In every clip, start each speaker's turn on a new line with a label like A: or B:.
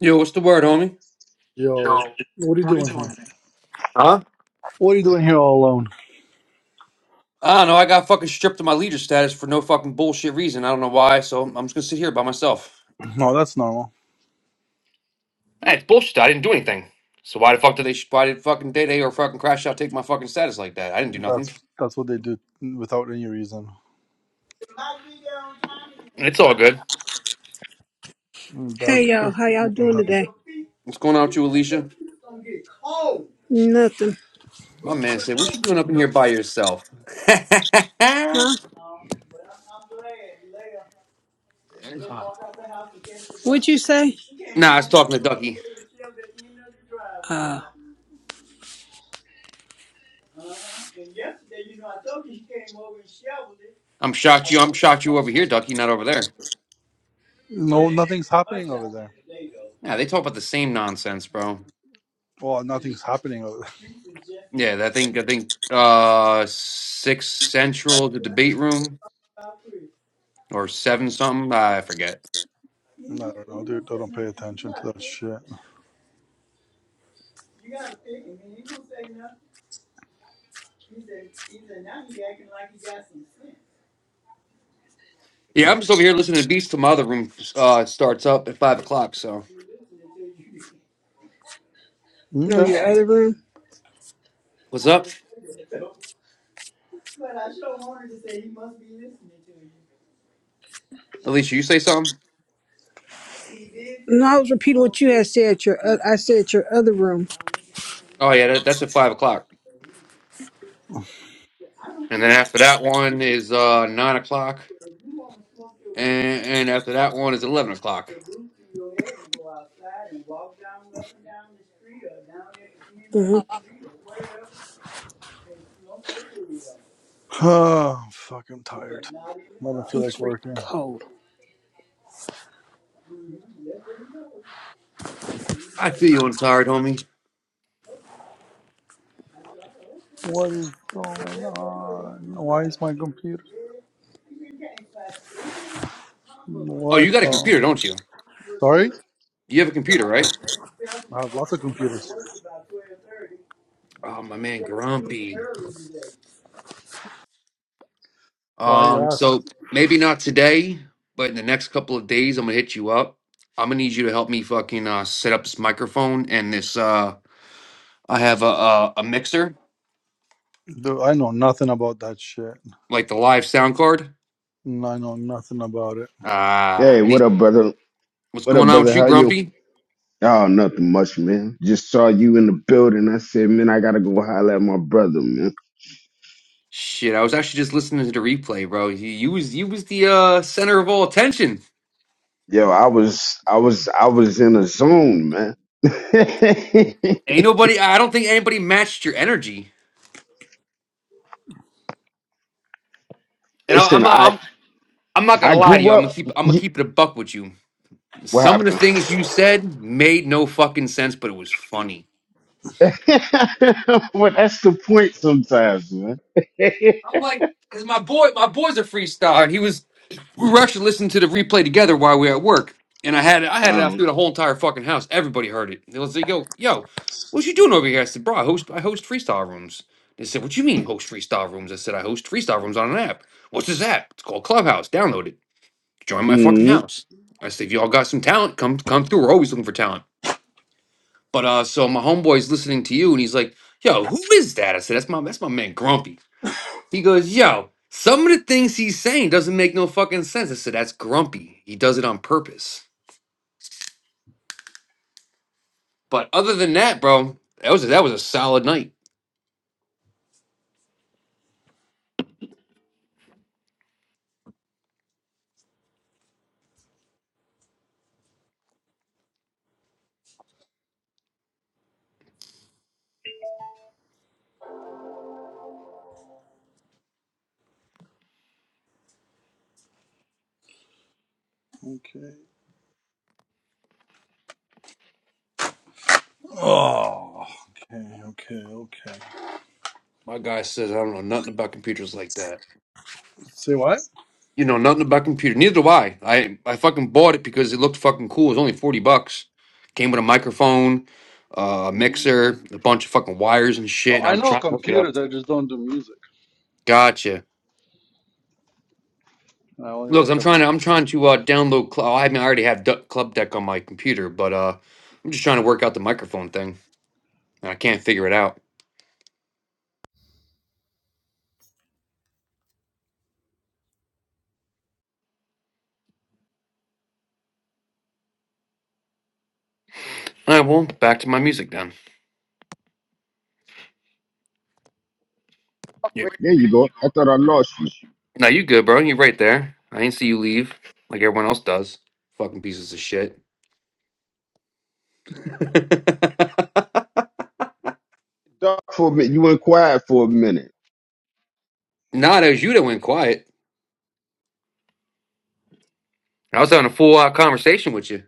A: Yo, what's the word, homie?
B: Yo,
A: Yo.
B: what are you doing here?
A: Huh?
B: What are you doing here all alone?
A: I don't know. I got fucking stripped of my leader status for no fucking bullshit reason. I don't know why. So I'm just gonna sit here by myself.
B: No, that's normal.
A: Hey, it's bullshit. I didn't do anything. So why the fuck did they? Why did fucking Day Day or fucking Crash Out take my fucking status like that? I didn't do nothing.
B: That's that's what they do without any reason.
A: It's all good.
B: That's
C: Hey y'all,
B: just
C: how y'all doing today?
A: What's going on with you, Alicia?
C: Nothing,
A: My man said, "What you doing up in here by yourself?" nah,
C: huh? What'd you say?
A: I was talking to Ducky.
C: Uh,
A: I'm shocked you. I'm shocked you over here, Ducky, not over there.
B: no, nothing's happening over there.
A: Yeah, they talk about the same nonsense, bro.
B: Well, nothing's happening. Over
A: Yeah, I think I think uh six central the debate room or seven something. I forget.
B: there. I don't know, dude. I don't pay attention to that shit.
A: Yeah, I'm just over here listening to Beats till my other room uh starts up at five o'clock. So
C: no,
B: Okay.
C: your other room.
A: what's up, Alicia? You say something?
C: No, I was repeating what you had said. Your, uh, I said your other room.
A: Oh yeah, that, that's at five o'clock, and then after that one is uh nine o'clock, and and after that one is eleven o'clock.
B: Oh, fuck, I'm fucking tired. I don't feel
C: It's
B: like
C: freaking
B: working.
C: cold.
A: I feel you. on tired, homie.
B: What is going on? Why is my computer?
A: Oh,
B: What?
A: you got a
B: Oh,
A: computer, don't you?
B: sorry.
A: You have a computer, right?
B: I have lots of computers.
A: Oh, my man, Grumpy.
B: Why you
A: Um,
B: ask?
A: so maybe not today, but in the next couple of days, I'm gonna hit you up. I'm gonna need you to help me fucking uh, set up this microphone and this. Uh, I have a, a a mixer,
B: Dude, I know nothing about that shit.
A: like the live sound card.
B: No, I know nothing about it.
A: Ah,
D: Hey,
A: I
D: what
A: need.
D: up, brother?
A: What's
D: What up,
A: going on with
D: brother?
A: you,
D: How you?
A: Grumpy?
D: Oh, nothing much, man. Just saw you in the building. I said, man, I gotta go holler at my brother, man.
A: Shit, I was actually just listening to the replay, bro. You, you was you was the uh, center of all attention.
D: Yo, I was, I was, I was in a zone, man.
A: Ain't nobody. I don't think anybody matched your energy. And I, I'm
D: Listen,
A: not.
D: I,
A: I'm I'm not gonna
D: I
A: lie to
D: grew
A: you. I'm gonna
D: up.
A: keep. I'm gonna
D: You,
A: keep it a buck with you.
D: what
A: Some of the
D: happened?
A: things you said made no fucking sense, but it was funny.
D: well, that's the point sometimes, man.
A: I'm like, cause my boy, my boy's a freestyle, and he was. We were actually listening to the replay together while we were at work, and I had it, I had it out
D: um,
A: through the whole entire fucking house. Everybody heard it. They was like, "Yo, yo, what you doing over here?" I said, "Bro, I host, I host freestyle rooms." They said, "What you mean host freestyle rooms?" I said, "I host freestyle rooms on an app. What's this app? It's called Clubhouse. Download it. Join my fucking
D: mm,
A: house." I said, "If y'all got some talent, come come through. We're always looking for talent." But uh, so my homeboy's listening to you, and he's like, "Yo, who is that?" I said, "That's my that's my man Grumpy." He goes, "Yo, some of the things he's saying doesn't make no fucking sense." I said, "That's Grumpy. He does it on purpose." But other than that, bro, that was a, that was a solid night.
B: Okay. Oh, okay, okay, okay.
A: My guy says, "I don't know nothing about computers like that."
B: Say what?
A: You know nothing about computer. Neither do I. I I fucking bought it because it looked fucking cool. It was only forty bucks. Came with a microphone, uh, a
B: No, no.
A: mixer, a bunch of fucking wires and shit.
B: Oh,
A: And
B: I
A: I'm
B: know
A: trying to hook it up.
B: computers. I just don't do music.
A: Gotcha.
B: I only
A: Look,
B: work
A: I'm
B: at
A: trying to I'm
B: Macs.
A: trying to uh, download. Cl- oh, I mean, I already have du- Club Deck on my computer, but uh, I'm just trying to work out the microphone thing, and I can't figure it out. All right, well, back to my music then. You-
D: there you go. I thought I lost you.
A: Now you good, bro? You right there? I ain't see you leave like everyone else does. Fucking pieces of shit. nah,
D: Talk for a minute. You went quiet for a minute.
A: that was you that went quiet. I was having a full out conversation with you.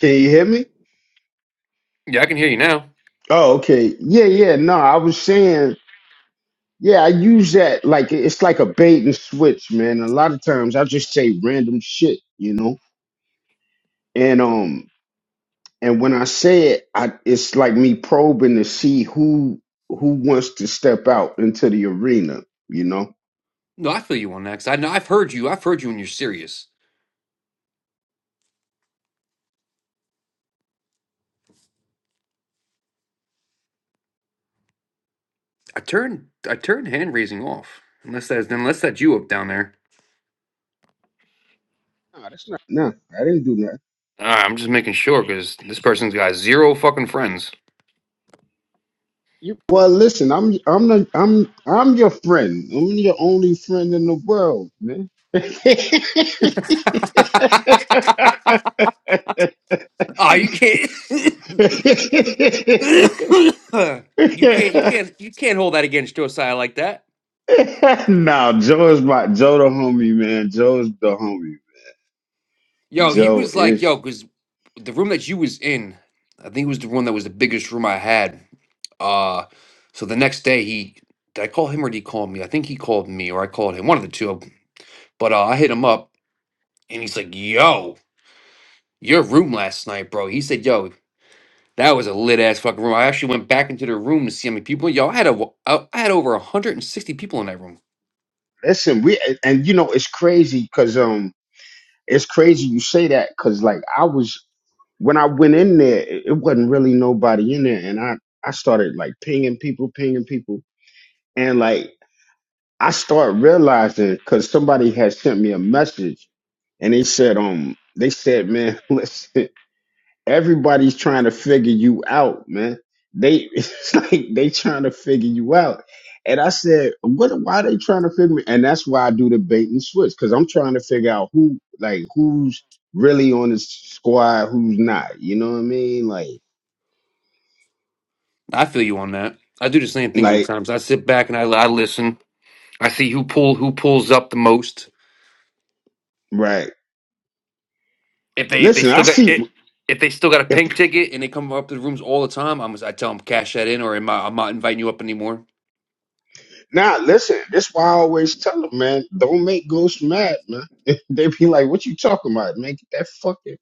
D: Can you hear me?
A: Yeah, I can hear you now.
D: Oh, okay. Yeah, yeah. No, I was saying. Yeah, I use that like it's like a bait and switch, man. A lot of times I just say random shit, you know? And um and when I say it, I it's like me probing to see who who wants to step out into the arena, you know?
A: No, I feel you on that. 'cause I know I've heard you. I've heard you when you're serious. I turned I turned hand raising off. Unless that's unless that's you up down there.
D: No, that's not no, I didn't do that.
A: All right, I'm just making sure because this person's got zero fucking friends.
D: You well listen, I'm I'm the I'm I'm your friend. I'm your only friend in the world, man.
A: oh, you can't. you can't. You can't. You can't hold that against Josiah like that.
D: nah, Joe is my Joe the homie, man. Joe's the homie.
A: Yo, he
D: Joe
A: was like,
D: is
A: yo, because the room that you was in, I think it was the one that was the biggest room I had. Uh, so the next day he, did I call him or did he call me? I think he called me or I called him, one of the two. But uh, I hit him up and he's like, yo, your room last night, bro. He said, yo. That was a lit ass fucking room. I actually went back into the room to see how many people. Yo, I had a, I had over 160 people in that room.
D: listen, we and you know it's crazy cause um it's crazy you say that cause like I was when I went in there, it it wasn't really nobody in there and I I started like pinging people, pinging people and like I start realizing cause somebody had sent me a message and they said um they said man listen everybody's trying to figure you out, man. They it's like they trying to figure you out. And I said, what why are they trying to figure me? And that's why I do the bait and switch, because I'm trying to figure out who like who's really on the squad, who's not. You know what I mean? Like
A: I feel you on that. I do the same thing
D: like
A: sometimes. I sit back and I, I listen. I see who pull who pulls up the most.
D: right.
A: If they if they
D: Listen,
A: still
D: I
A: got it,
D: see
A: if they still got a
D: if
A: pink ticket and they come up to the rooms all the time, I'm I tell them cash that in or am I, I'm not inviting you up anymore.
D: now listen, this why I always tell them, man, don't make ghosts mad, man. they be like, What you talking about? Man, get that fucking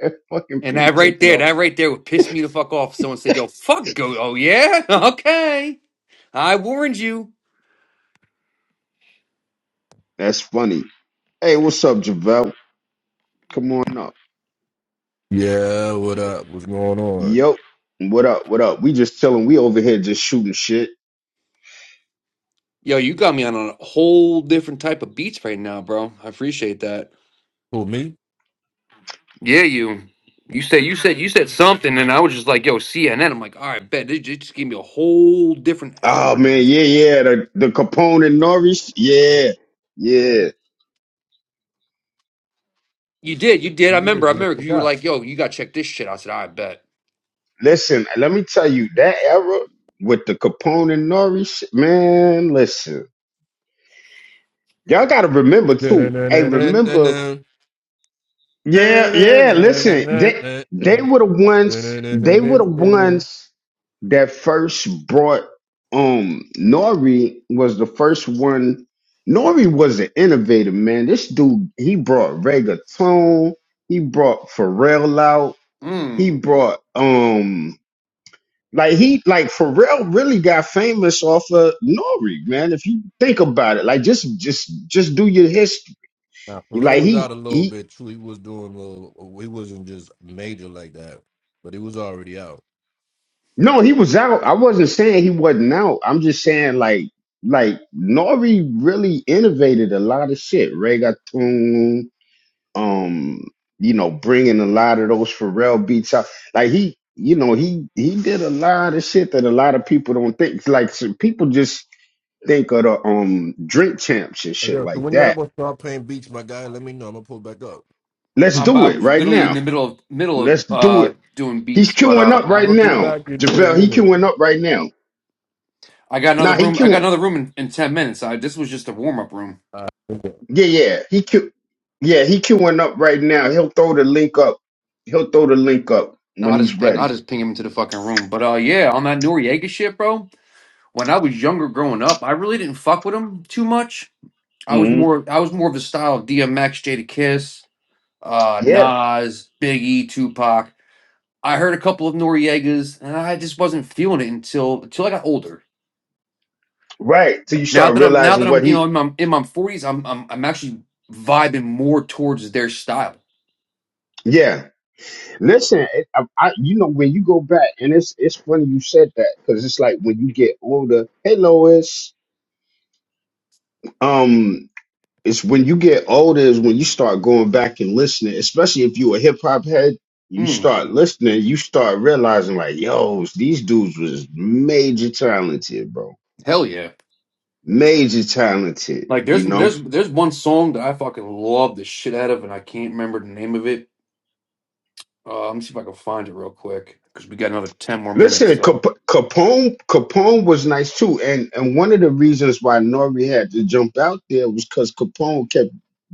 D: that fucking
A: And that
D: pink
A: right
D: ticket
A: there,
D: off
A: that right there would piss me the fuck off. Someone said, "Yo, fuck go." Oh yeah, okay. I warned you.
D: That's funny. Hey, what's up, Javel? Come on up.
E: Yeah, what up? What's going on?
D: Yo, what up? What up? We just chilling. We over here just shooting shit.
A: Yo, you got me on a whole different type of beats right now, bro. I appreciate that.
E: Who, me?
A: Yeah, you. You said you said you said something, and I was just like, "Yo, CNN." I'm like, "All right, bet they ju- just gave me a whole different
D: Oh man,
A: algorithm."
D: yeah, yeah. The the Capone and Norris, yeah, yeah.
A: You did, you did. I
E: Yeah,
A: remember, I
E: you
A: remember because you were
E: forgot.
A: like, "Yo, you got to check this shit." I said, "I bet."
D: Listen, let me tell you that era with the Capone and Norris, man. Listen, y'all got to remember too. Hey, remember
E: Dun-dun-dun-dun-dun-dun.
D: Yeah, yeah. Listen, they
E: Dun-dun-dun-dun-dun-dun.
D: they were the ones. They were the
E: Dun-dun-dun-dun-dun-dun.
D: ones that first brought um Nori was the first one. Nori was an innovator, man. This dude, he brought reggaeton. He brought Pharrell out. He
A: Mm.
D: brought um like he like Pharrell really got famous off of Nori, man. If you think about it, like just just just do your history.
E: Now, Pharrell
D: Like
E: was
D: he
E: out a little
D: he
E: bit too. He was doing a little, he wasn't just major like that, but he was already out.
D: No, he was out. I wasn't saying he wasn't out. I'm just saying like like Nori really innovated a lot of shit. Reggaeton, um, you know, bringing a lot of those Pharrell beats out. Like he, you know, he he did a lot of shit that a lot of people don't think. Like so people just think of the um drink champs and
E: Hey,
D: shit
E: yo, so
D: like
E: when y'all
D: that.
E: gonna start playing beats, my guy, let me know. I'm gonna pull back up.
D: Let's
A: I'm
D: do
A: I
D: it
A: was
D: right
A: literally in
D: now.
A: the middle of middle of
D: Let's do
A: uh
D: it.
A: doing
D: He's
A: beats, but
D: queuing
A: uh,
D: up
E: I'm
D: right
E: gonna be
D: now.
E: back in 10
D: JaVale, he
E: minutes.
D: queuing up right now.
A: I got another
D: Nah, he
A: room. I got
D: queuing.
A: another room in, in ten minutes. I, this was just a warm up room.
E: All right.
D: Yeah, yeah. He Q yeah, he queuing up right now. He'll throw the link up. He'll throw the link up
A: I
D: when
A: will just
D: he's
A: ping, I will
D: ready.
A: just ping him into the fucking room. But uh, yeah, on that Noriega shit, bro. when I was younger growing up, I really didn't fuck with him too much. I was
D: hmm
A: more I was more of a style of DMX, Jada Kiss, uh,
D: Yeah.
A: Nas, Biggie, Tupac. I heard a couple of Noriegas, and I just wasn't feeling it until until I got older.
D: Right. So you
A: Now
D: start
A: that I'm now that
D: realizing
A: I'm
D: what
A: you know in
D: he
A: my in my forties, I'm, I'm I'm actually vibing more towards their style.
D: yeah. Listen, it, I, I, you know when you go back, and it's it's funny you said that because it's like when you get older. Hey, Lois. Um, it's when you get older is when you start going back and listening, especially if you a hip hop head. You
A: Mm,
D: start listening, you start realizing like, yo, these dudes was major talented, bro
A: hell yeah!
D: major talented,
A: Like
D: you
A: there's
D: know.
A: there's there's one song that I fucking love the shit out of, and I can't remember the name of it. Uh, let me see if I can find it real quick because we got another ten more minutes.
D: Listen,
A: So.
D: Cap- Capone Capone was nice too, and and one of the reasons why Nori had to jump out there was because Capone kept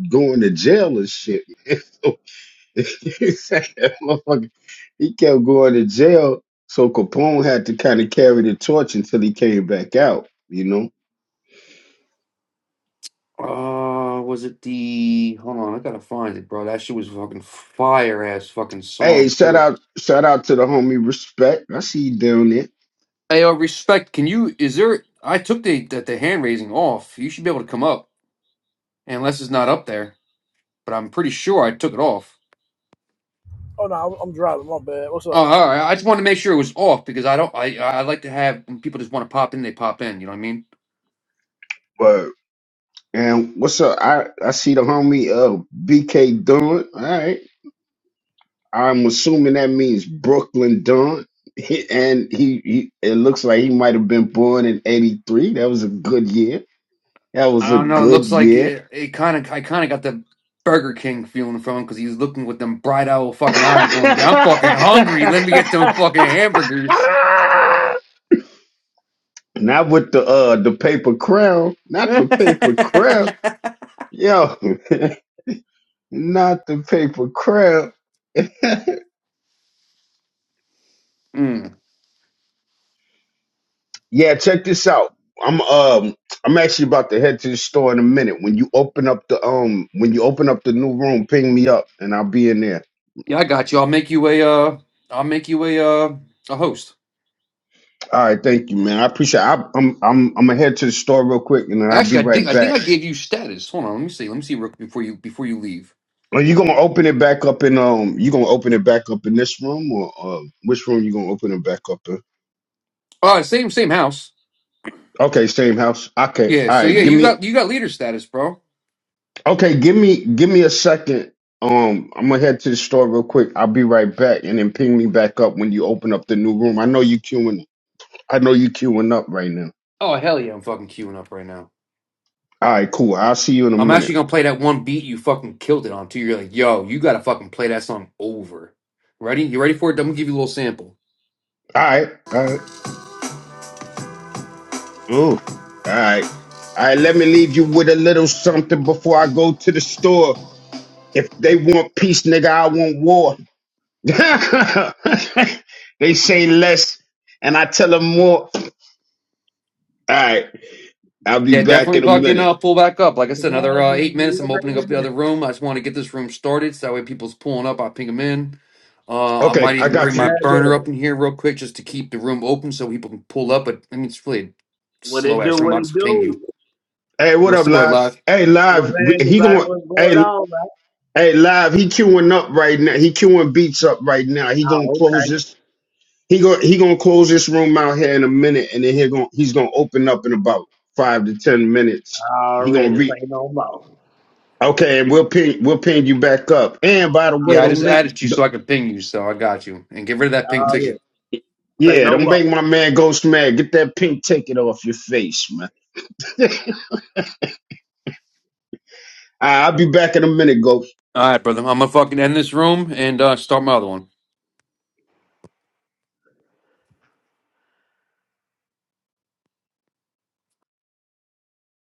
D: going to jail and shit. Man. So he said that motherfucker- he kept going to jail, so Capone had to kind of carry the torch until he came back out, you know.
A: Uh, was it the? Hold on, I gotta find it, bro. That shit was fucking fire ass fucking
D: Hey,
A: song
D: shout
A: too.
D: out shout out to the homie Respect. I see you down
A: Hey, uh, respect. Can you? Is there? I took the the, the hand raising off. You should be able to come up, unless it's not up there. But I'm pretty sure I took it off.
F: Oh no, I'm driving. My bad. What's up?
A: Oh, all right. I just wanted to make sure it was off because I don't. I I like to have when people just want to pop in. They pop in. You know what I mean?
D: there. And what's up? I, I see the homie uh BK Dunn. All right. I'm assuming that means Brooklyn Dunn. He, and he, he it looks like he might have been born in 83. That was a good year. That
A: I
D: was a
A: don't know. It
D: good
A: looks like
D: year.
A: it. It kind of. I kind of got the Burger King feeling from him because he's looking with them bright owl fucking eyes, going, "I'm fucking hungry. Let me get them fucking hamburgers."
D: not with the uh the paper crown. Not the paper crown. Yo, not the paper crown.
A: Mm.
D: Yeah, check this out. I'm um I'm actually about to head to the store in a minute. When you open up the um when you open up the new room, ping me up and I'll be in there.
A: Yeah, I got you. I'll make you a uh I'll make you a uh a host.
D: All right, thank you, man. I appreciate. It. I, I'm I'm I'm gonna head to the store real quick and then I'll be
A: Actually, I think
D: right
A: I think
D: back.
A: I gave you status. Hold on, let me see. Let me see real- quick before you before you leave.
D: Are you gonna open it back up in um you gonna open it back up in this room or um which room you gonna open it back up in?
A: Uh same same house.
D: Okay, same house. Okay,
A: Yeah,
D: all
A: so
D: right.
A: yeah,
D: Give
A: you
D: me
A: got you got leader status, bro.
D: Okay, give me give me a second. Um, I'm gonna head to the store real quick. I'll be right back, and then ping me back up when you open up the new room. I know you queuing. I know you queuing up right now.
A: Oh hell yeah, I'm fucking queuing up right now.
D: All right, cool. I'll see you in a
A: I'm actually
D: minute.
A: gonna play that one beat you fucking killed it on too. You're like, yo, you gotta fucking play that song over. Ready? You ready for it? I'm gonna give you a little sample.
D: All right, all right. Ooh, all right, all right. Let me leave you with a little something before I go to the store. If they want peace, nigga, I want war. they say less, and I tell them more. All right, I'll be
A: Yeah,
D: back
A: definitely
D: in a
A: fucking
D: minute.
A: uh, pull back up. Like I
G: Was
A: said, another uh, eight minutes. I'm opening up the other room. I just want to get this room started so that way people's pulling up. I ping them in. Uh, I
D: Okay,
A: might
D: I
A: even bring
D: got you.
A: my
G: that
A: burner
G: there?
A: up in here real quick just to keep the room open so people can pull up. But I mean, it's really a
G: What it
A: slow
G: do?
A: ass room.
G: What
A: I'll
G: it
A: just ping you.
G: do?
D: Hey, what
A: What's
D: up,
A: the word,
D: live?
A: live?
D: Hey,
G: What's
D: live.
G: happening?
D: He
G: like,
D: going.
G: what's going
D: Hey,
G: on? man?
D: hey, live. He queuing up right now. He queuing beats up right now. He gonna
G: Oh,
D: close
G: okay.
D: this. He go. He gonna close this room out here in a minute, and then he going He's gonna open up in about five to ten minutes. He gonna
G: alright,
D: re.
G: Say no more.
D: Okay, and we'll ping. We'll ping you back up. And by the way,
A: Yeah, I
D: don't
A: just
D: make.
A: added you so I can ping you. So I got you. And get rid of that ping
G: Alright,
A: ticket.
G: Say
D: Yeah,
G: no
D: don't
G: more.
D: make my man Ghost mad. Get that pink ticket off your face, man. All right, I'll be back in a minute, Ghost.
A: All right, brother. I'm going to fucking end this room and uh, start my other one.